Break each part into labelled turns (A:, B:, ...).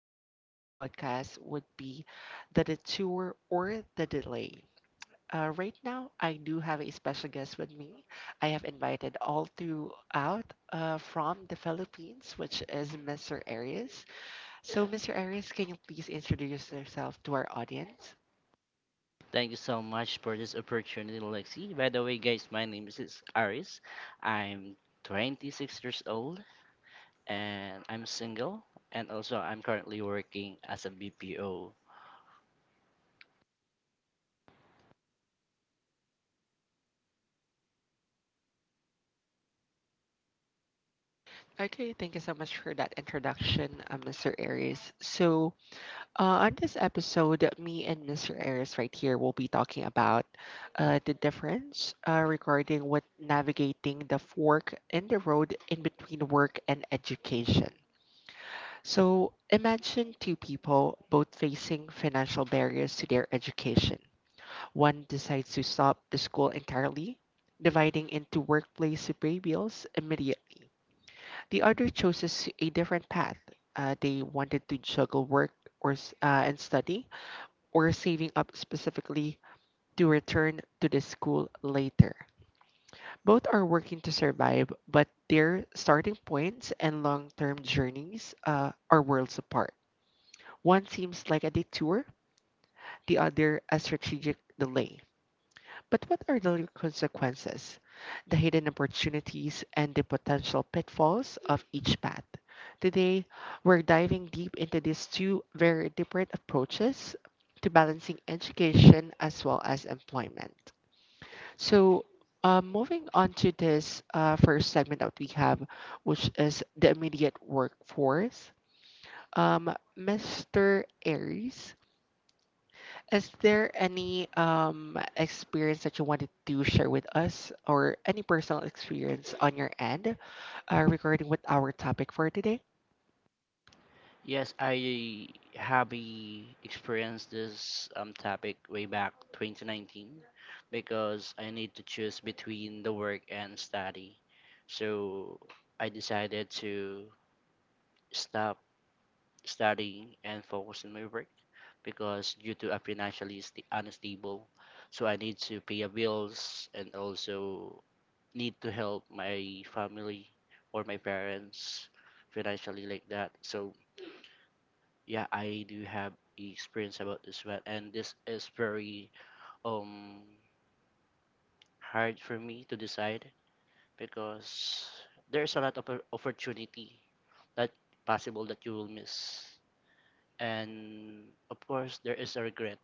A: title of this podcast would be The Detour or The Delay. Right now, I do have a special guest with me. I have invited all throughout from the Philippines, which is Mr. Arias. So, Mr. Arias, can you please introduce yourself to our audience?
B: Thank you so much for this opportunity, Lexi. By the way, guys, my name is Aris. I'm 26 years old, and I'm single, and also I'm currently working as a BPO.
A: Okay, thank you so much for that introduction, Mr. Aries. So, on this episode, me and Mr. Ayres right here will be talking about the difference regarding what navigating the fork in the road in between work and education. So imagine two people both facing financial barriers to their education. One decides to stop the school entirely, dividing into workplace pay bills immediately. The other chooses a different path. They wanted to juggle work and study, or saving up specifically to return to the school later. Both are working to survive, but their starting points and long term journeys are worlds apart. One seems like a detour, the other a strategic delay. But what are the real consequences, the hidden opportunities, and the potential pitfalls of each path? Today, we're diving deep into these two very different approaches to balancing education as well as employment. So, moving on to this first segment that we have, which is the immediate workforce. Mr. Aries, is there any experience that you wanted to share with us or any personal experience on your end regarding with our topic for today?
B: Yes, I have experienced this topic way back 2019 because I need to choose between the work and study. So I decided to stop studying and focus on my work because due to a financially unstable, so I need to pay a bills and also need to help my family or my parents financially like that. So yeah, I do have experience about this one, and this is very um hard for me to decide because there's a lot of opportunity that possible that you will miss, and of course there is a regret,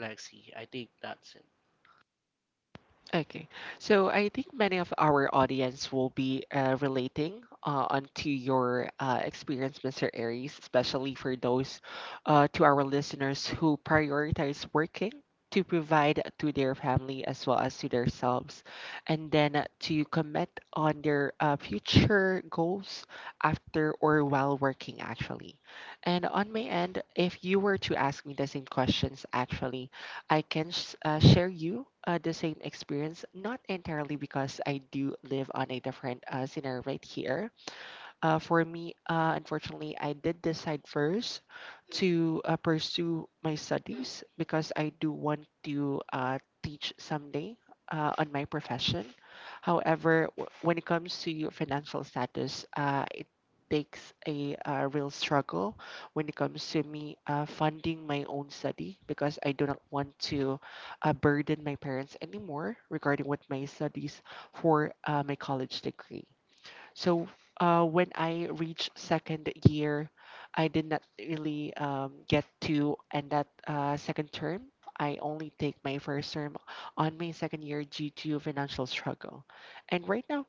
B: Lexi. I think that's it.
A: Okay, so I think many of our audience will be relating onto your experience, Mr. Aries, especially for those to our listeners who prioritize working to provide to their family as well as to themselves, and then to commit on their future goals after or while working, actually. And on my end, if you were to ask me the same questions, actually, I can share you the same experience, not entirely because I do live on a different scenario right here, for me, unfortunately, I did decide first to pursue my studies because I do want to teach someday on my profession. However, when it comes to your financial status, it takes a real struggle when it comes to me funding my own study because I do not want to burden my parents anymore regarding with my studies for my college degree. So when I reached second year, I did not really get to end that second term. I only take my first term on my second year due to financial struggle. And right now,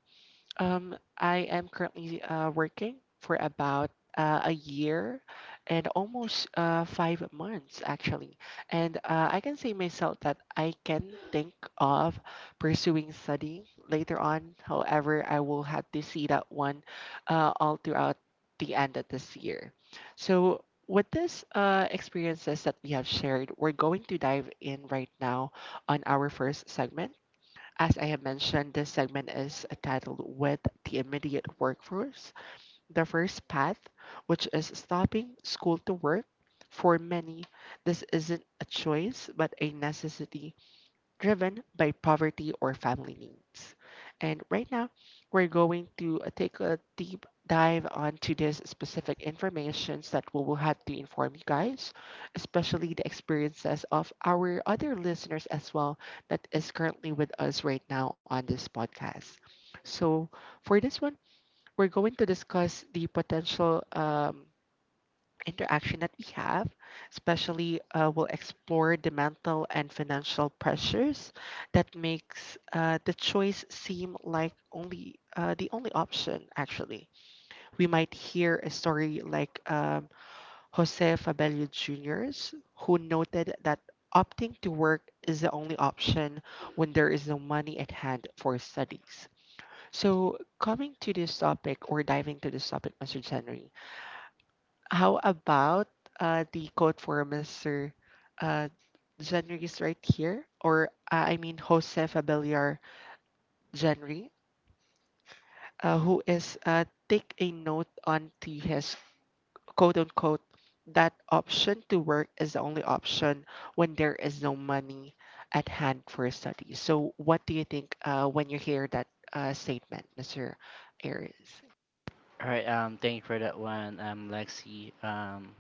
A: I am currently working for about a year and almost 5 months, actually. And I can say myself that I can think of pursuing study later on. However, I will have to see that one all throughout the end of this year. So, with this experiences that we have shared, we're going to dive in right now on our first segment. As I have mentioned, this segment is titled With the Immediate Workforce. The first path, which is stopping school to work, for many, this isn't a choice but a necessity driven by poverty or family needs. And right now, we're going to take a deep dive onto this specific information so that we will have to inform you guys, especially the experiences of our other listeners as well that is currently with us right now on this podcast. So for this one, we're going to discuss the potential interaction that we have, especially will explore the mental and financial pressures that makes the choice seem like only the only option. Actually, we might hear a story like Jose Fabello Jr.'s, who noted that opting to work is the only option when there is no money at hand for studies. So, coming to this topic or diving to this topic, Mr. Henry. How about the quote for Mr. Uh, January's right here, or I mean Jose Fabellar January, who is take a note on to his quote unquote that option to work is the only option when there is no money at hand for study. So, what do you think when you hear that statement, Mr. Aries?
B: All right. Thank you for that one, Lexi. Um,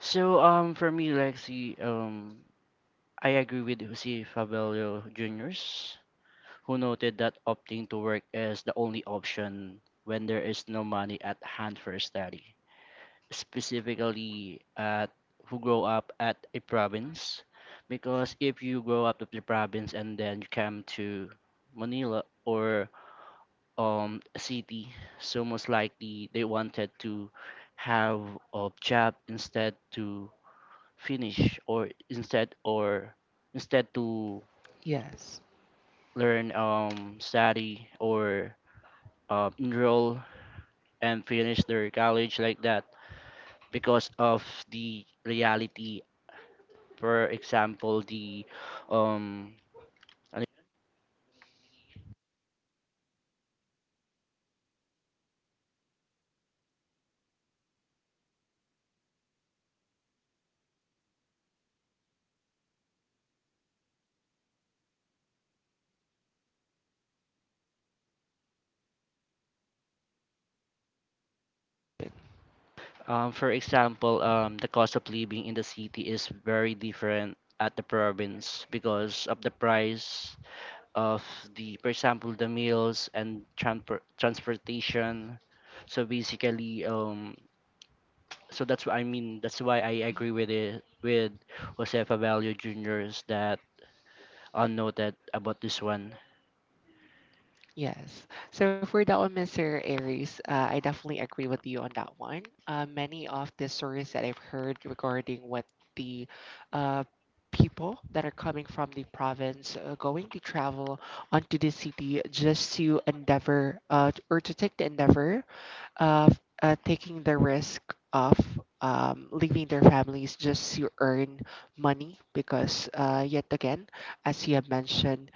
B: so um, For me, Lexi, I agree with Jose Fabelio Jr.'s, who noted that opting to work is the only option when there is no money at hand for study, specifically at who grow up at a province, because if you grow up at the province and then you come to Manila or city, so most likely they wanted to have a job instead to finish, or instead, or instead to
A: Yes.
B: learn study, or enroll and finish their college like that, because of the reality. For example, the um for example, the cost of living in the city is very different at the province because of the price of the, for example, the meals and transportation. So basically, so that's what I mean. That's why I agree with it with Jose Favalio Jr.'s that on noted about this one.
A: Yes. So for that one, Mr. Aries, I definitely agree with you on that one. Many of the stories that I've heard regarding what the uh, people that are coming from the province going to travel onto the city just to endeavor t- or to take the endeavor of taking the risk of leaving their families just to earn money because yet again, as you have mentioned,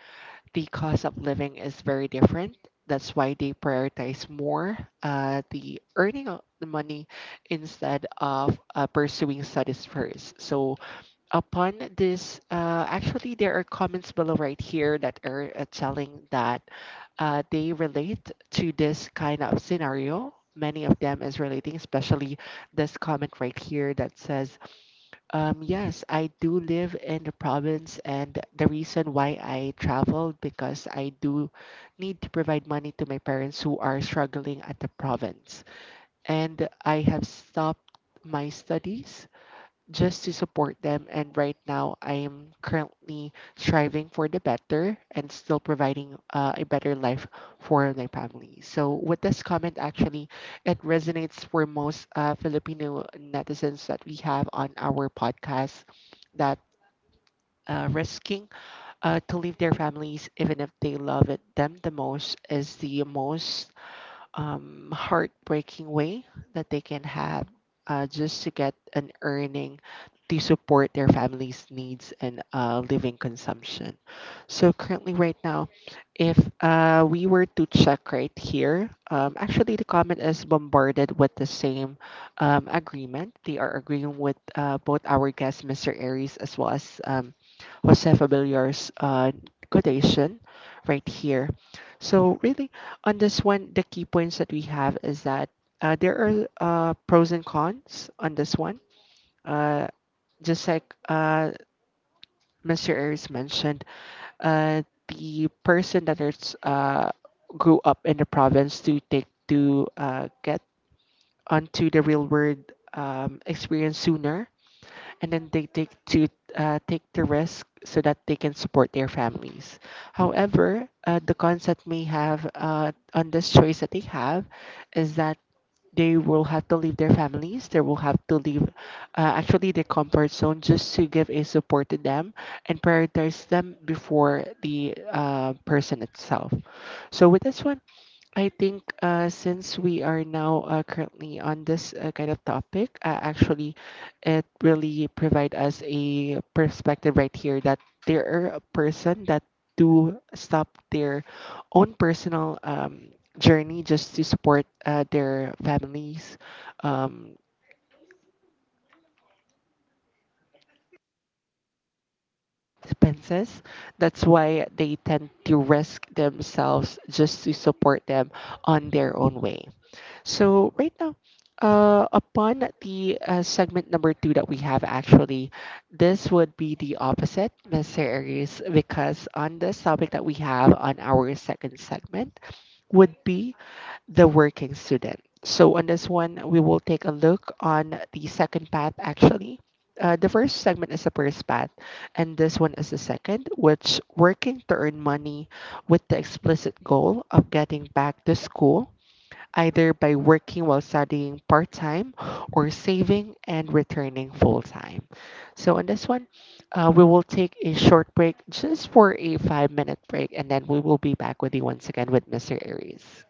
A: the cost of living is very different. That's why they prioritize more the earning of the money instead of pursuing studies first. So, upon this, actually, there are comments below right here that are telling that they relate to this kind of scenario. Many of them is relating, especially this comment right here that says yes, I do live in the province, and the reason why I traveled because I do need to provide money to my parents who are struggling at the province. And I have stopped my studies just to support them. And right now, I am currently striving for the better and still providing a better life for my family. So, with this comment, actually, it resonates for most Filipino netizens that we have on our podcast that. Risking to leave their families even if they love it them the most is the most heartbreaking way that they can have just to get an earning to support their family's needs and living consumption. So currently, right now, if we were to check right here, actually the comment is bombarded with the same agreement. They are agreeing with both our guest, Mr. Aries, as well as Jose Fabellar's quotation right here. So really, on this one, the key points that we have is that there are pros and cons on this one. Uh, just like Mr. Aries mentioned, the person that is grew up in the province to take to get onto the real world experience sooner, and then they take to take the risk so that they can support their families. However, the cons that may have on this choice that they have is that they will have to leave their families they will have to leave actually their comfort zone just to give a support to them and prioritize them before the person itself. So with this one, I think since we are now currently on this kind of topic, actually, it really provide us a perspective right here that there are a person that do stop their own personal journey just to support their families' um, expenses. That's why they tend to risk themselves just to support them on their own way. So right now, upon the segment number two that we have actually, this would be the opposite, Mr. Aries, because on this topic that we have on our second segment would be the working student. So on this one, we will take a look on the second path actually. The first segment is the first path, and this one is the second, which working to earn money with the explicit goal of getting back to school either by working while studying part time or saving and returning full time. So, on this one, we will take a short break just for a 5 minute break, and then we will be back with you once again with Mr. Aries.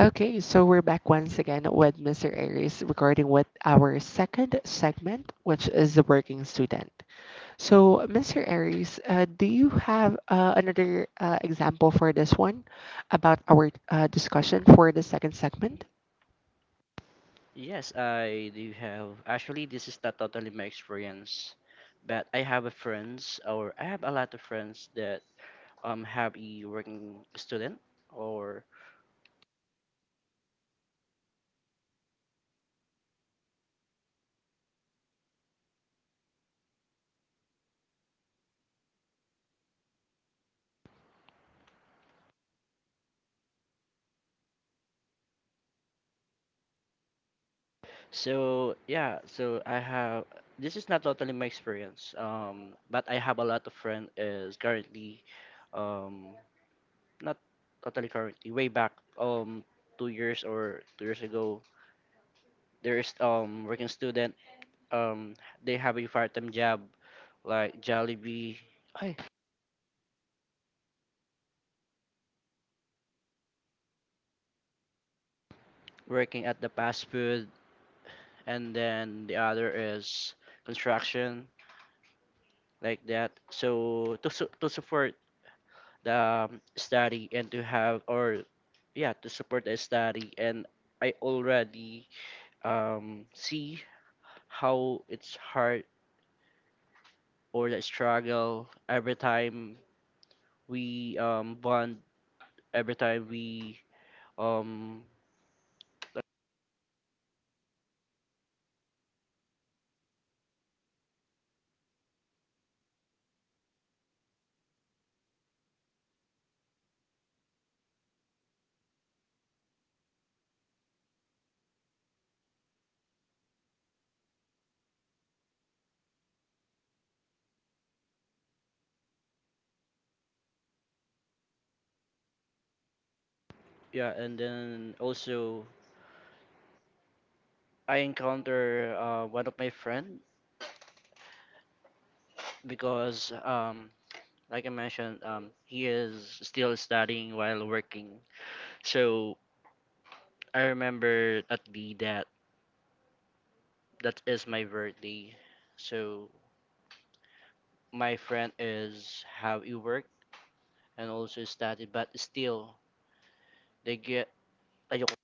A: Okay, so we're back once again with Mr. Aries regarding with our second segment, which is the working student. So, Mr. Aries, do you have another example for this one about our discussion for the second segment?
B: Yes, I do have. Actually, this is not totally my experience, but I have a friends, or I have a lot of friends that have a working student or. So yeah, so I have, this is not totally my experience, but I have a lot of friend is currently, um, not totally currently, way back, um, 2 years or 2 years ago, there is working student, um, they have a part-time job like Jollibee, Ay, working at the fast food, and then the other is construction like that. So to support the study and to have, or yeah, to support the study. And I already see how it's hard or the struggle every time we bond, every time we um yeah. And then also I encounter one of my friend, because like I mentioned, he is still studying while working. So I remember at the that that is my birthday. So my friend is have e work and also study, but still they get ayoko.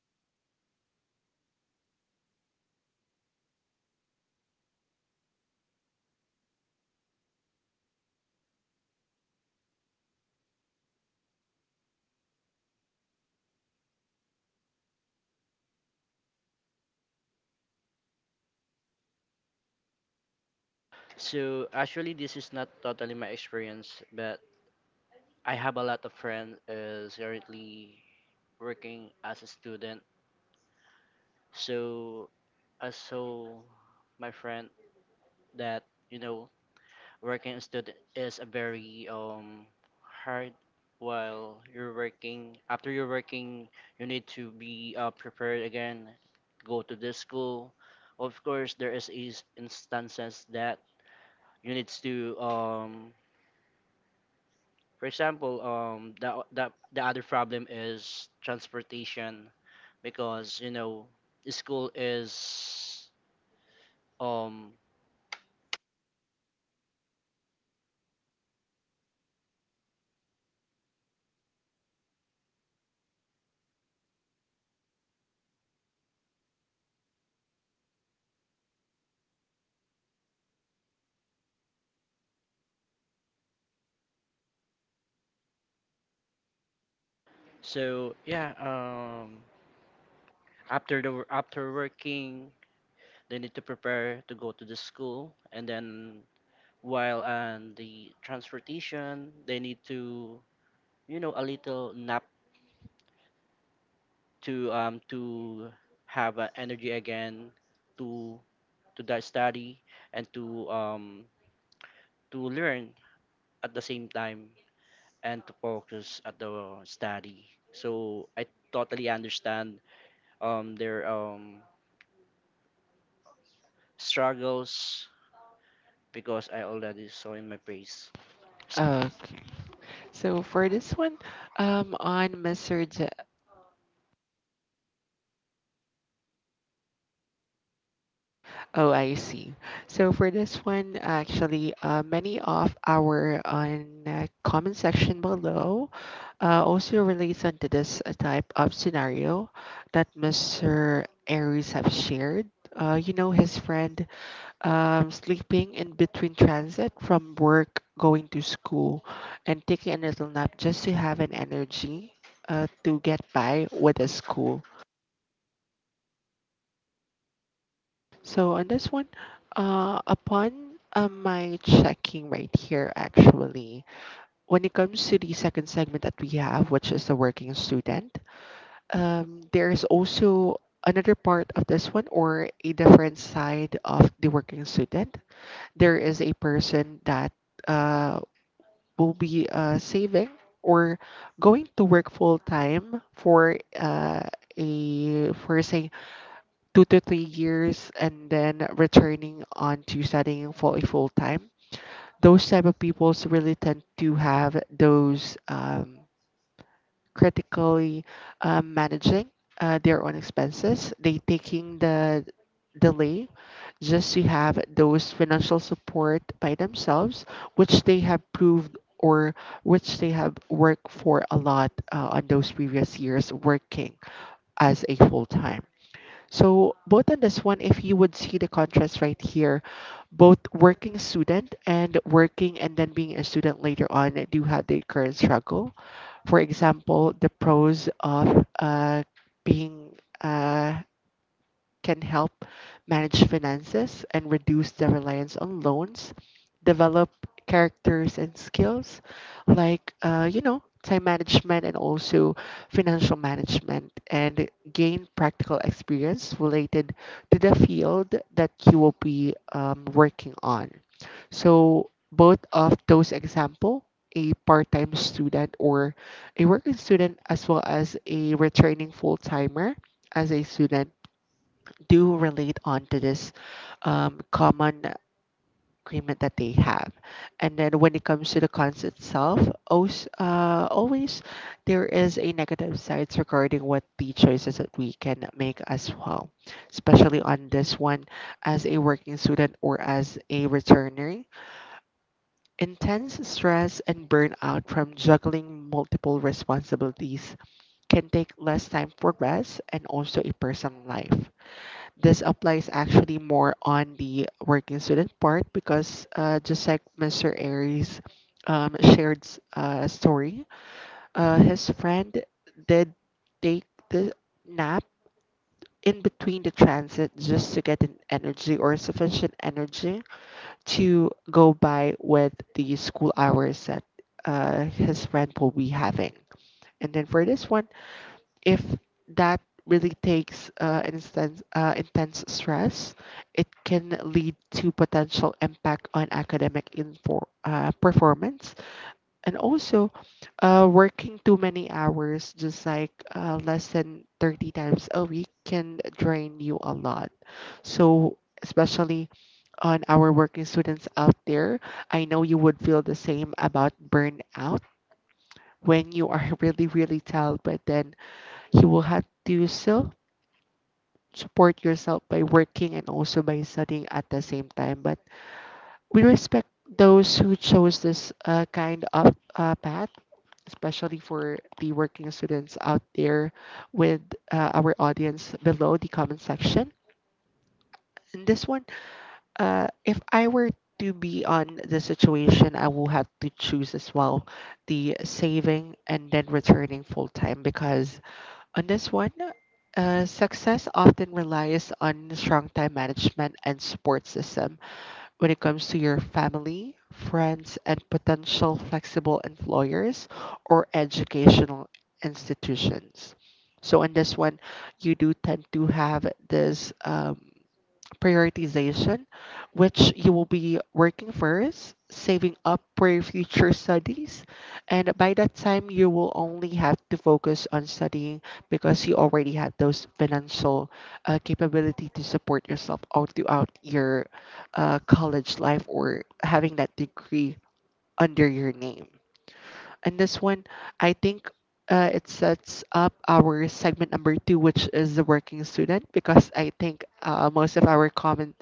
B: So actually, this is not totally my experience, but I have a lot of friends is currently working as a student. So I saw my friend that you know working as student is a very hard. While you're working, after you're working, you need to be prepared again, go to this school. Of course, there is instances that you need to for example, the other problem is transportation, because you know the school is um so yeah. After the after working, they need to prepare to go to the school, and then while on the transportation, they need to, you know, a little nap to have energy again to to that study, and to learn at the same time, and to focus at the study. So I totally understand their struggles, because I already saw in my face.
A: Uh, so for this one, on message, oh, I see. So for this one, actually, many of our on comment section below also relates onto this type of scenario that Mr. Aries have shared. His friend sleeping in between transit from work, going to school, and taking a little nap just to have an energy to get by with the school. So on this one, upon my checking right here, actually, when it comes to the second segment that we have, which is the working student, there is also another part of this one or a different side of the working student. There is a person that uh, will be saving or going to work full time for a for say 2 to 3 years and then returning on to studying for a full time. Those type of peoples really tend to have those critically managing their own expenses they taking the delay just to have those financial support by themselves which they have proved or which they have worked for a lot on those previous years working as a full time so both on this one, if you would see the contrast right here, both working student and working and then being a student later on do have their current struggle. For example, the pros of being uh, can help manage finances and reduce their reliance on loans, develop characters and skills like, time management and also financial management, and gain practical experience related to the field that you will be working on. So, both of those example, a part-time student or a working student as well as a returning full-timer as a student do relate on to this common agreement that they have. And then when it comes to the cons itself, always there is a negative sides regarding what the choices that we can make as well, especially on this one as a working student or as a returner. Intense stress and burnout from juggling multiple responsibilities can take less time for rest and also a personal life this applies actually more on the working student part because just like Mr. Aries shared a story, his friend did take the nap in between the transit just to get an energy or sufficient energy to go by with the school hours that his friend will be having. And then for this one, if that really takes intense stress, it can lead to potential impact on academic performance. And also, working too many hours, just like less than 30 times a week, can drain you a lot. So, especially on our working students out there, I know you would feel the same about burnout when you are really, really tired, but then you will have to still support yourself by working and also by studying at the same time. But we respect those who chose this kind of path, especially for the working students out there with our audience below the comment section. And this one, if I were to be on the situation, I will have to choose as well the saving and then returning full time because. On this one, success often relies on strong time management and support system when it comes to your family, friends, and potential flexible employers or educational institutions. So on this one, you do tend to have this, prioritization, which you will be working first, saving up for your future studies. And by that time, you will only have to focus on studying because you already have those financial capability to support yourself all throughout your college life or having that degree under your name. And this one, I think it sets up our segment number two, which is the working student, because I think most of our comment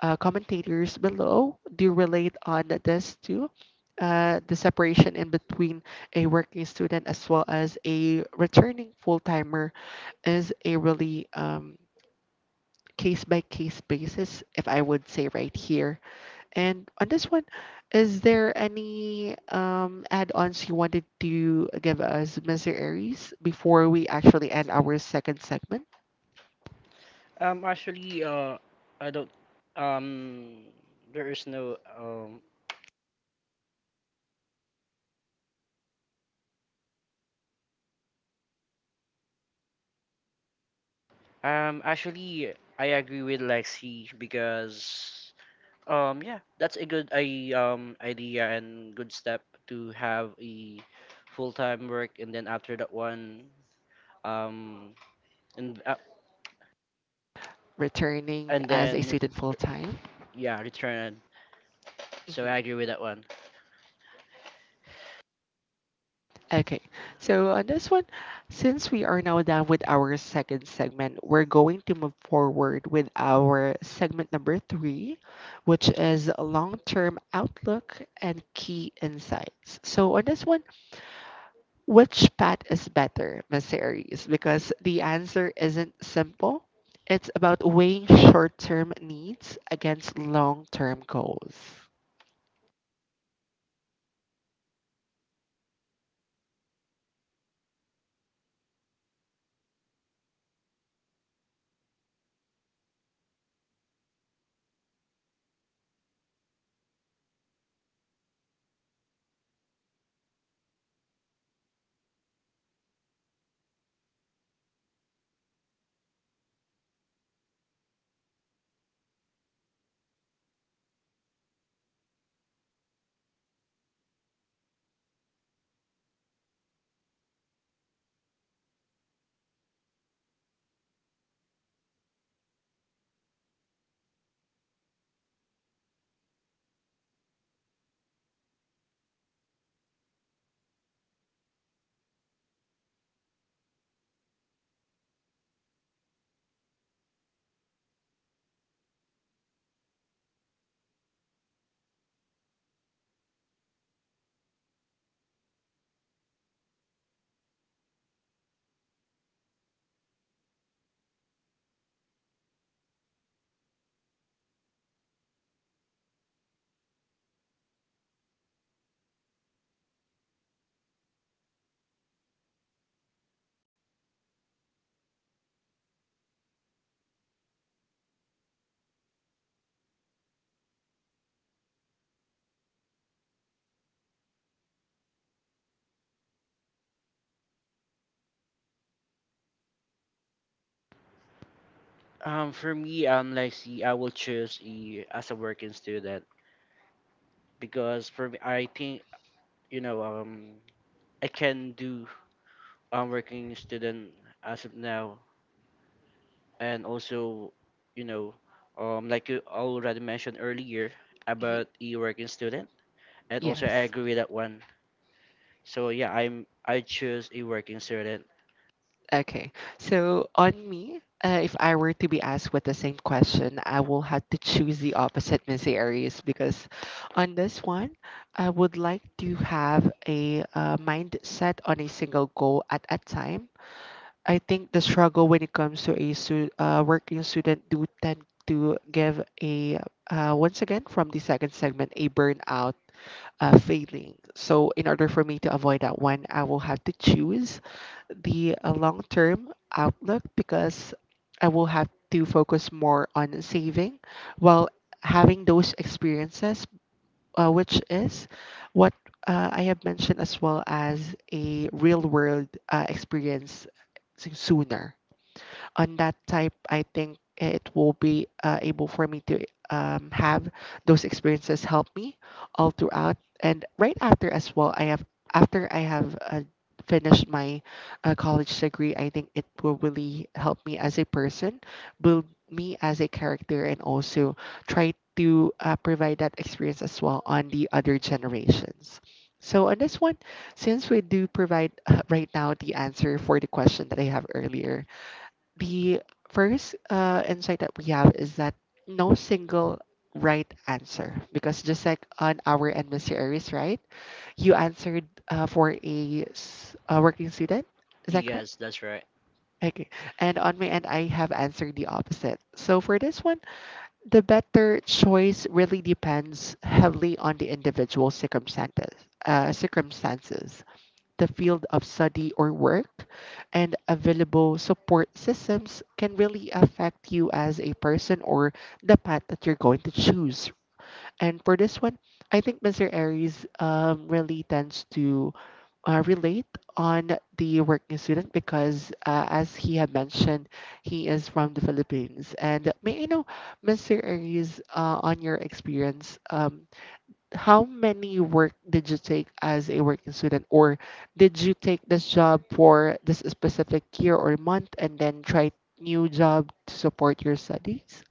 A: uh, commentators below do relate on this too. The separation in between a working student as well as a returning full timer is a really case by case basis, if I would say right here. And on this one, is there any add-ons you wanted to give us, Mr. Aries, before we actually end our second segment?
B: Actually, I don't. Um, there is no. Actually, I agree with Lexi because. Yeah, that's a good I idea and good step to have a full time work, and then after that one, um, and uh,
A: Returning
B: and
A: as a
B: then
A: student full-time.
B: yeah, return. So
A: Hmm.
B: I agree with that one.
A: Okay, so on this one, since we are now done with our second segment, we're going to move forward with our segment number three, which is long term outlook and key insights. So, on this one, which path is better, Miss Aries? Because the answer isn't simple, it's about weighing short term needs against long term goals.
B: For me, Lexi, I will choose a as a working student because for me, I think, you know, I can do working student as of now, and also, you know, like you already mentioned earlier
A: Mhm.
B: about a working student, and also I
A: Yes.
B: agree with that one. So yeah, I choose a working student.
A: Okay. So on me, if I were to be asked with the same question, I will have to choose the opposite Missy Aries because on this one, I would like to have a mindset on a single goal at a time. I think the struggle when it comes to a working student do tend to give a once again from the second segment a burnout, failing. So in order for me to avoid that one, I will have to choose the long-term outlook because I will have to focus more on saving while having those experiences, which is what I have mentioned as well as a real-world experience sooner on that type, I think it will be able for me to have those experiences help me all throughout. And right after as well, I have after I have finished my college degree, I think it will really help me as a person, build me as a character, and also try to provide that experience as well on the other generations. So on this one, since we do provide right now the answer for the question that I have earlier, the first insight that we have is that no single right answer because just like on our end, Mr. Aries, right? You answered for a working student, is that correct?
B: Yes, that's right.
A: Okay. And on my end I have answered the opposite. So for this one, the better choice really depends heavily on the individual circumstances, the field of study or work, and available support systems can really affect you as a person or the path that you're going to choose. And for this one, I think Mr. Aries really tends to relate on the working student because, as he had mentioned, he is from the Philippines. And may I know, Mr. Aries, on your experience, how many work did you take as a working student or did you take this job for this specific year or month and then try new job to support your studies?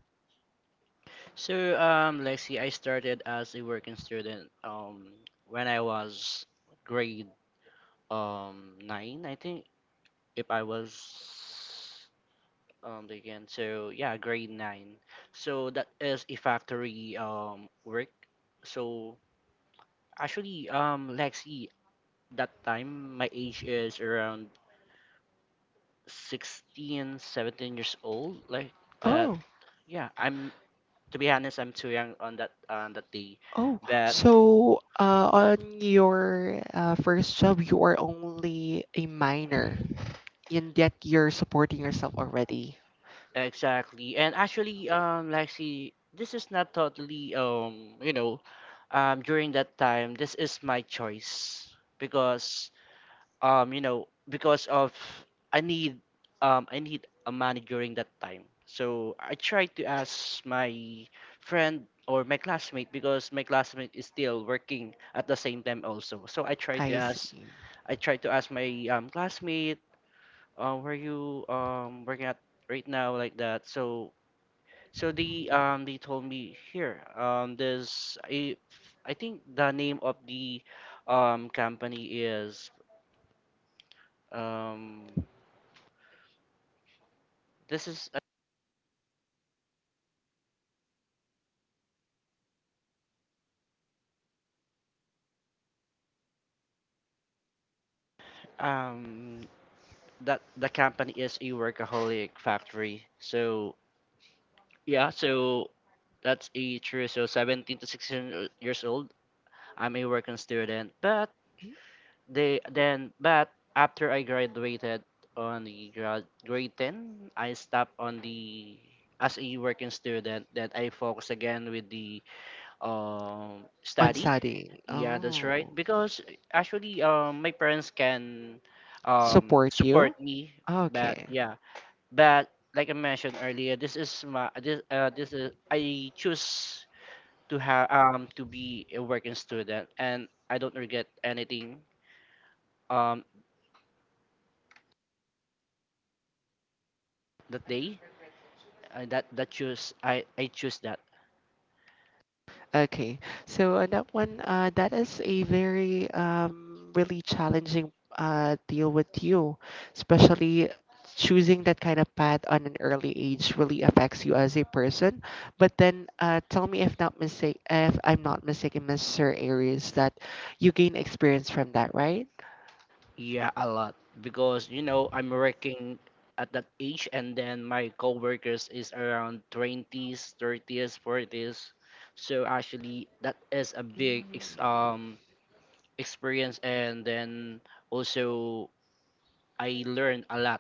B: So, Lexi, I started as a working student when I was grade nine, I think, if I was. Again so yeah Grade 9, so that is a factory work. So actually, Lexi, that time my age is around 16, 17 years old like that.
A: Oh.
B: Yeah, I'm, to be honest, I'm too young on that day,
A: Oh.
B: but
A: So on your first job you are only a minor and yet you're supporting yourself already.
B: exactly. And actually, Lexi, this is not totally, you know, during that time, this is my choice, because, you know, because of I need, I need a money during that time. So I tried to ask my friend or my classmate, because my classmate is still working at the same time also. So i tried to
A: I
B: ask
A: see.
B: i tried to ask my classmate, where you working at right now, like that. So so they told me here, there's a, I think the name of the company is um This is um that the company is a workaholic factory. So yeah, so that's a true. So 17 to 16 years old, I'm a working student. But they then but after I graduated on the grade 10, I stopped on the as a working student. Then I focus again with the
A: On
B: study.
A: studying.
B: Yeah, that's
A: Oh.
B: right, because actually, my parents can
A: Support
B: support
A: you.
B: me. But
A: Okay.
B: yeah, but like I mentioned earlier, this is my this this is I choose to have, to be a working student, and I don't regret anything, um that day, that choose I choose that.
A: Okay. So on that one, that is a very really challenging deal with you, especially choosing that kind of path on an early age really affects you as a person. But then, tell me if not mistake, if I'm not mistaken, Mr. Aries, that you gain experience from that, right?
B: Yeah, a lot, because you know I'm working at that age, and then my coworkers is around twenties, thirties, forties. So actually, that is a big experience, and then also I learned a lot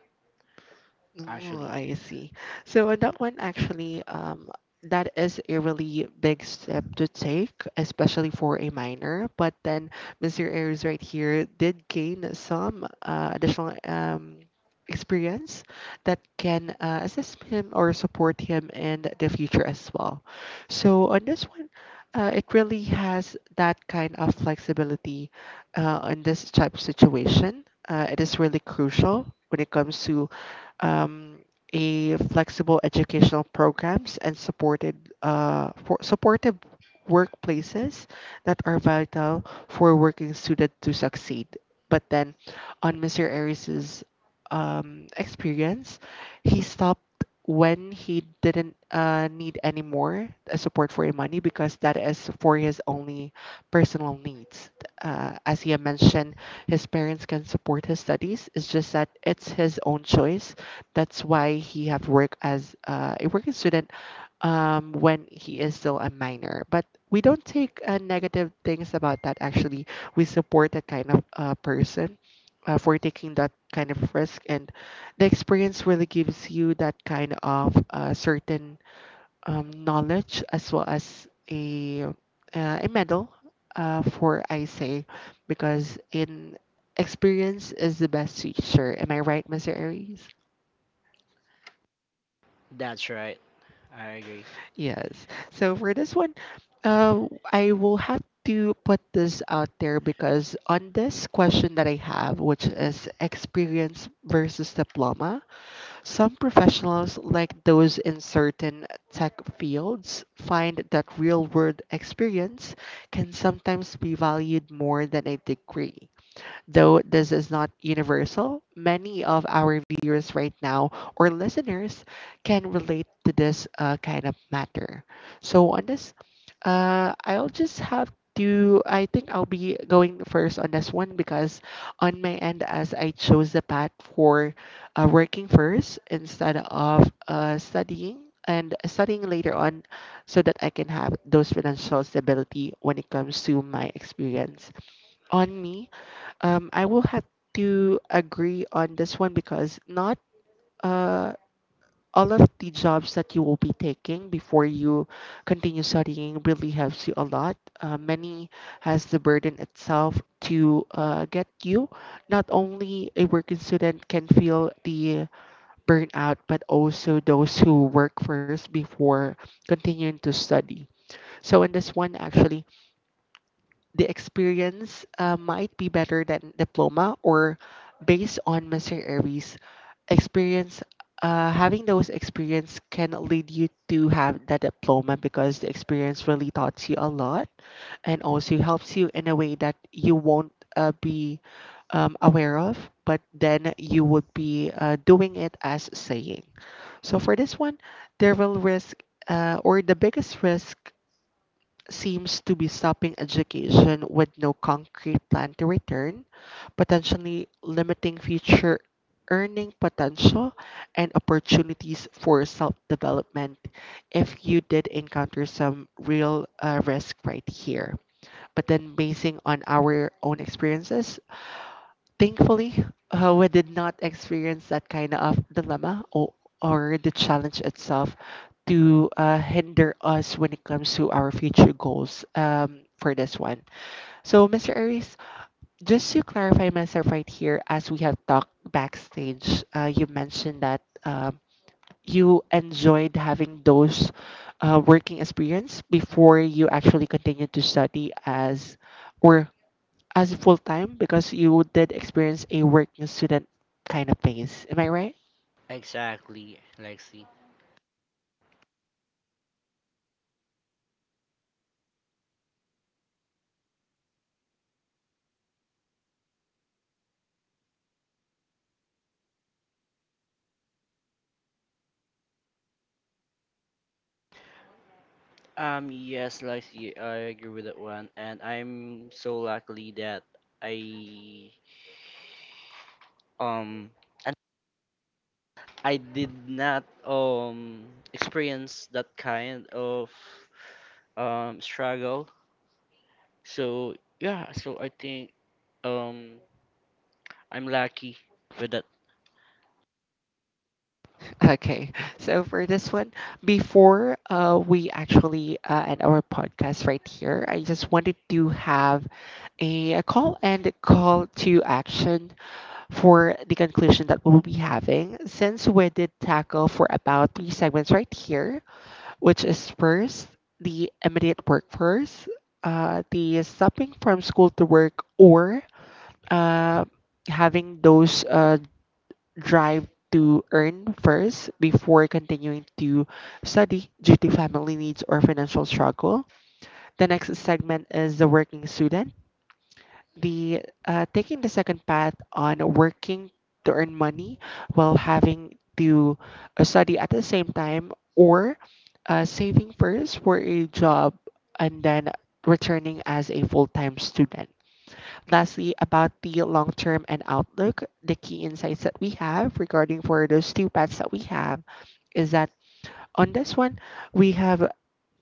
A: Oh,
B: actually.
A: I see. So on that one, actually, that is a really big step to take, especially for a minor. But then Mr. Ayers right here did gain some additional experience that can assist him or support him in the future as well. So on this one, it really has that kind of flexibility in this type of situation. It is really crucial when it comes to um, a flexible educational programs and supported for supportive workplaces that are vital for working student to succeed. But then, on Mr. Aries's experience, he stopped when he didn't need any more support for money because that is for his only personal needs. As he had mentioned, his parents can support his studies. It's just that it's his own choice that's why he have worked as a working student when he is still a minor. But we don't take negative things about that. Actually, we support that kind of person for taking that kind of risk, and the experience really gives you that kind of certain knowledge as well as a medal for I say because in experience is the best teacher. Am I right, Mr. Aries?
B: That's right. I agree.
A: Yes. So for this one, I will have to put this out there because on this question that I have, which is experience versus diploma, some professionals, like those in certain tech fields, find that real world experience can sometimes be valued more than a degree. Though this is not universal, many of our viewers right now or listeners can relate to this kind of matter. So, on this, I'll just have to, I think I'll be going first on this one because on my end, as I chose the path for working first instead of studying and studying later on so that I can have those financial stability when it comes to my experience. On me, I will have to agree on this one because not uh, all of the jobs that you will be taking before you continue studying really helps you a lot. Many has the burden itself to get you. Not only a working student can feel the burnout, but also those who work first before continuing to study. So in this one, actually, the experience might be better than diploma, or based on Mr. Aries experience, having those experience can lead you to have that diploma because the experience really taught you a lot and also helps you in a way that you won't be aware of, but then you would be doing it as saying. So for this one, there will risk, or the biggest risk seems to be stopping education with no concrete plan to return, potentially limiting future earning potential and opportunities for self development if you did encounter some real risk right here. But then, basing on our own experiences, thankfully, we did not experience that kind of dilemma, or the challenge itself to hinder us when it comes to our future goals for this one. So, Mr. Aries, just to clarify myself right here, as we have talked backstage, you mentioned that you enjoyed having those working experience before you actually continued to study as, or as full time, because you did experience a working student kind of pace. Am I right?
B: Exactly, Lexi. Yes, Lacey, I agree with that one, and I'm so lucky that I um and I did not experience that kind of struggle. So yeah, so I think um I'm lucky with that.
A: Okay, so for this one, before we actually end our podcast right here, I just wanted to have a call and a call to action for the conclusion that we'll be having. Since we did tackle for about three segments right here, which is first the immediate workforce, the stopping from school to work, or uh, having those drive to earn first before continuing to study due to family needs or financial struggle. The next segment is the working student. The taking the second path on working to earn money while having to study at the same time, or saving first for a job and then returning as a full-time student. Lastly, about the long term and outlook, the key insights that we have regarding for those two paths that we have is that on this one, we have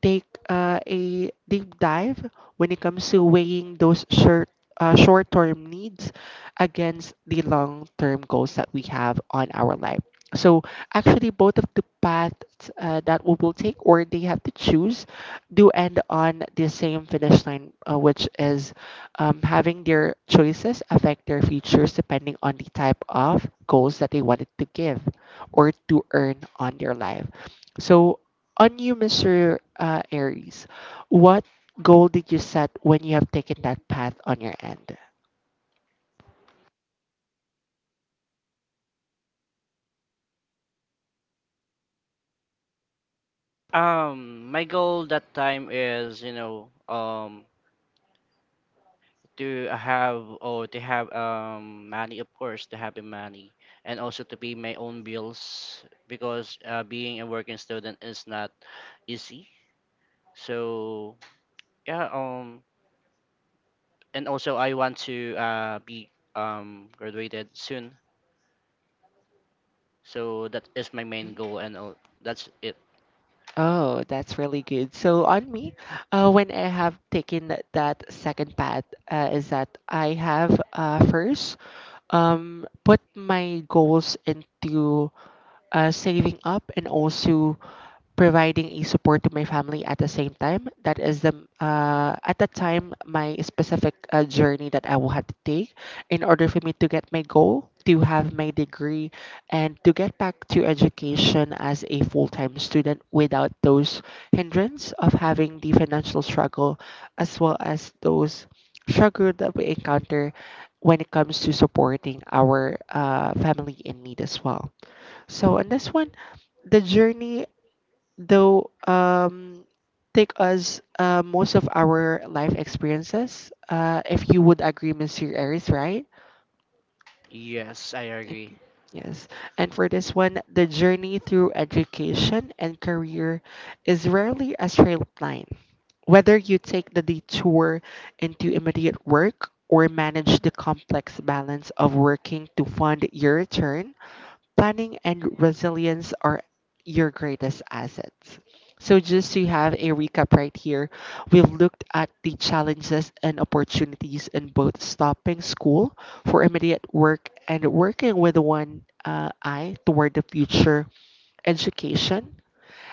A: take a deep dive when it comes to weighing those short-term needs against the long-term goals that we have on our life. So actually, both of the paths that we will take or they have to choose do end on the same finish line, which is having their choices affect their futures depending on the type of goals that they wanted to give or to earn on their life. So on you, Mr. Aries, what goal did you set when you have taken that path on your end?
B: My goal that time is, you know, to have money, of course, to have the money, and also to pay my own bills, because being a working student is not easy. So yeah, and also I want to be graduated soon. So that is my main
A: Hmm?
B: goal, and all that's it.
A: Oh, that's really good. So on me, when I have taken that second path, is that I have first put my goals into saving up and also providing a support to my family at the same time. That is the, at that time, my specific journey that I will have to take in order for me to get my goal, to have my degree, and to get back to education as a full time student without those hindrance of having the financial struggle, as well as those struggle that we encounter when it comes to supporting our family in need as well. So in this one, the journey though take us most of our life experiences. If you would agree, Mr. Aries, right?
B: Yes, I agree.
A: Okay. Yes. And for this one, the journey through education and career is rarely a straight line. Whether you take the detour into immediate work or manage the complex balance of working to fund your return, planning and resilience are your greatest assets. So, just to have a recap right here, we've looked at the challenges and opportunities in both stopping school for immediate work and working with one eye toward the future education.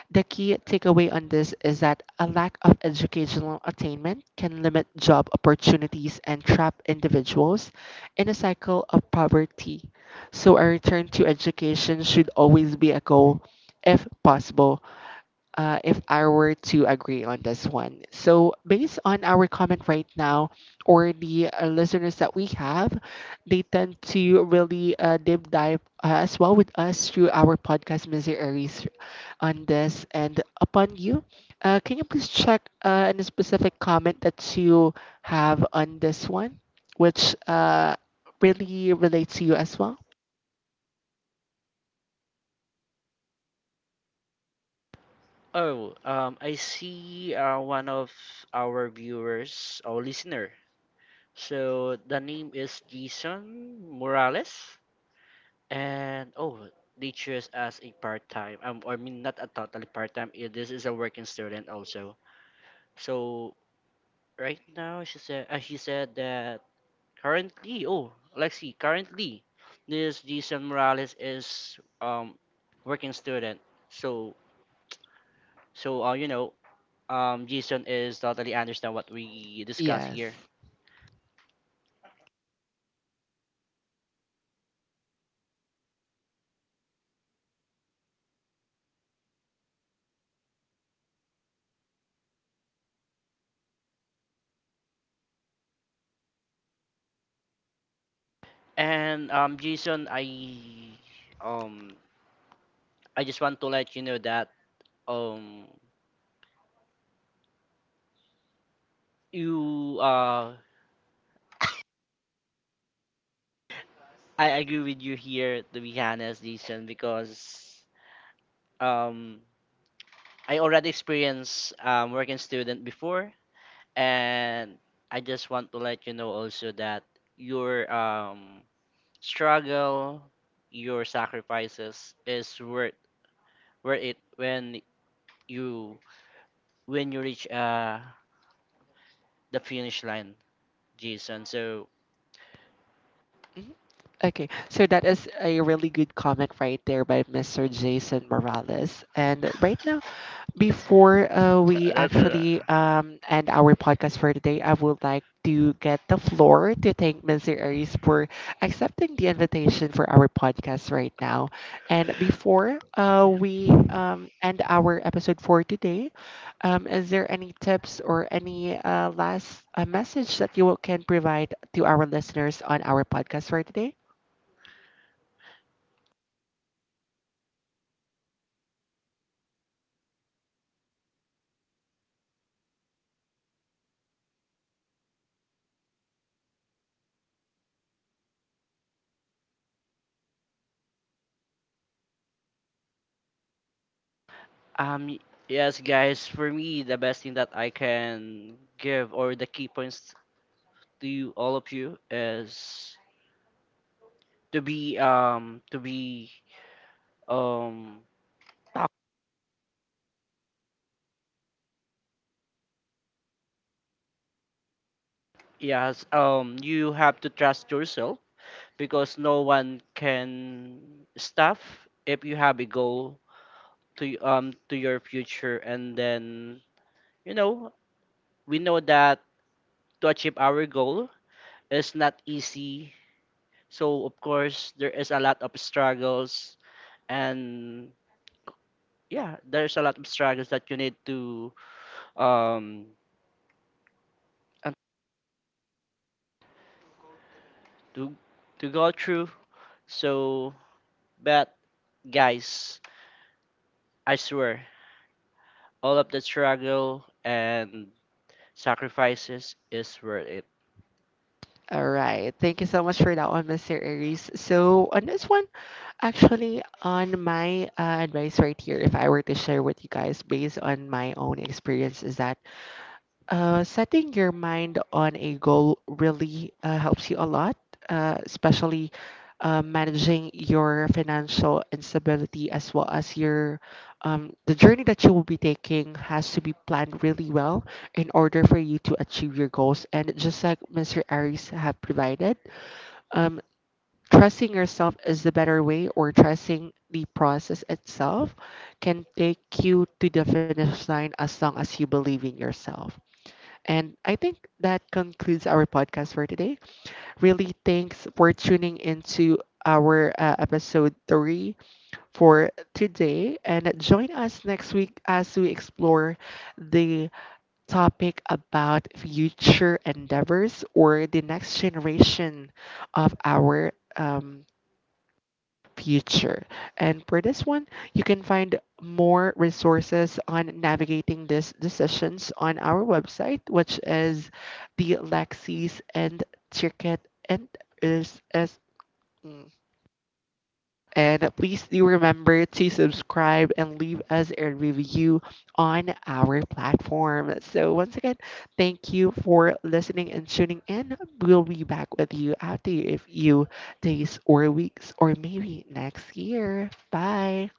A: The key takeaway on this is that a lack of educational attainment can limit job opportunities and trap individuals in a cycle of poverty. So, a return to education should always be a goal if possible, if I were to agree on this one. So, based on our comment right now, or the listeners that we have, they tend to really deep dive as well with us through our podcast, Mr. Aries, on this and upon you. Can you please check any specific comment that you have on this one, which really relates to you as well?
B: Oh I see one of our viewers or listener. So the name is Jason Morales, and oh, they choose as a part time. I mean, not a totally part time. This is a working student also. So right now she said, she said that currently, oh, Lexi, currently this Jason Morales is working student. So so you know, Jason is totally understand what we discuss
A: Yes.
B: here. And Jason, um I just want to let you know that um you I agree with you here, to be honest, Jason, because um I already experienced working student before, and I just want to let you know also that your struggle, your sacrifices is worth it you when you reach the finish line, Jason. So.
A: Mhm. Okay, so that is a really good comment right there by Mr. Jason Morales. And right now, before we
B: That's a.
A: actually end our podcast for today, I would like to get the floor to thank Mr. Aries for accepting the invitation for our podcast right now. And before we end our episode for today, is there any tips or any last message that you can provide to our listeners on our podcast for today?
B: Um, y- yes, guys, for me, the best thing that I can give, or the key points to you, all of you, is to be, um, tough. Yes, you have to trust yourself because no one can stuff if you have a goal to your future. And then, you know, we know that to achieve our goal is not easy. So, of course, there is a lot of struggles, and yeah, there's a lot of struggles that you need to um and to to go through. So but, guys, I swear all of the struggle and sacrifices is worth it.
A: All right. Thank you so much for that one, Mr. Aries. So, on this one, actually, on my advice right here, if I were to share with you guys based on my own experience, is that setting your mind on a goal really helps you a lot, especially managing your financial instability as well as your the journey that you will be taking has to be planned really well in order for you to achieve your goals. And just like Mr. Aries have provided, um, trusting yourself is the better way, or trusting the process itself can take you to the finish line as long as you believe in yourself. And I think that concludes our podcast for today. Really, thanks for tuning into our episode 3 for today. And join us next week as we explore the topic about future endeavors or the next generation of our future. And for this one, you can find more resources on navigating these decisions on our website, which is the Lexis and Circuit and is. And please do remember to subscribe and leave us a review on our platform. So, once again, thank you for listening and tuning in. We'll be back with you after a few days or weeks or maybe next year. Bye.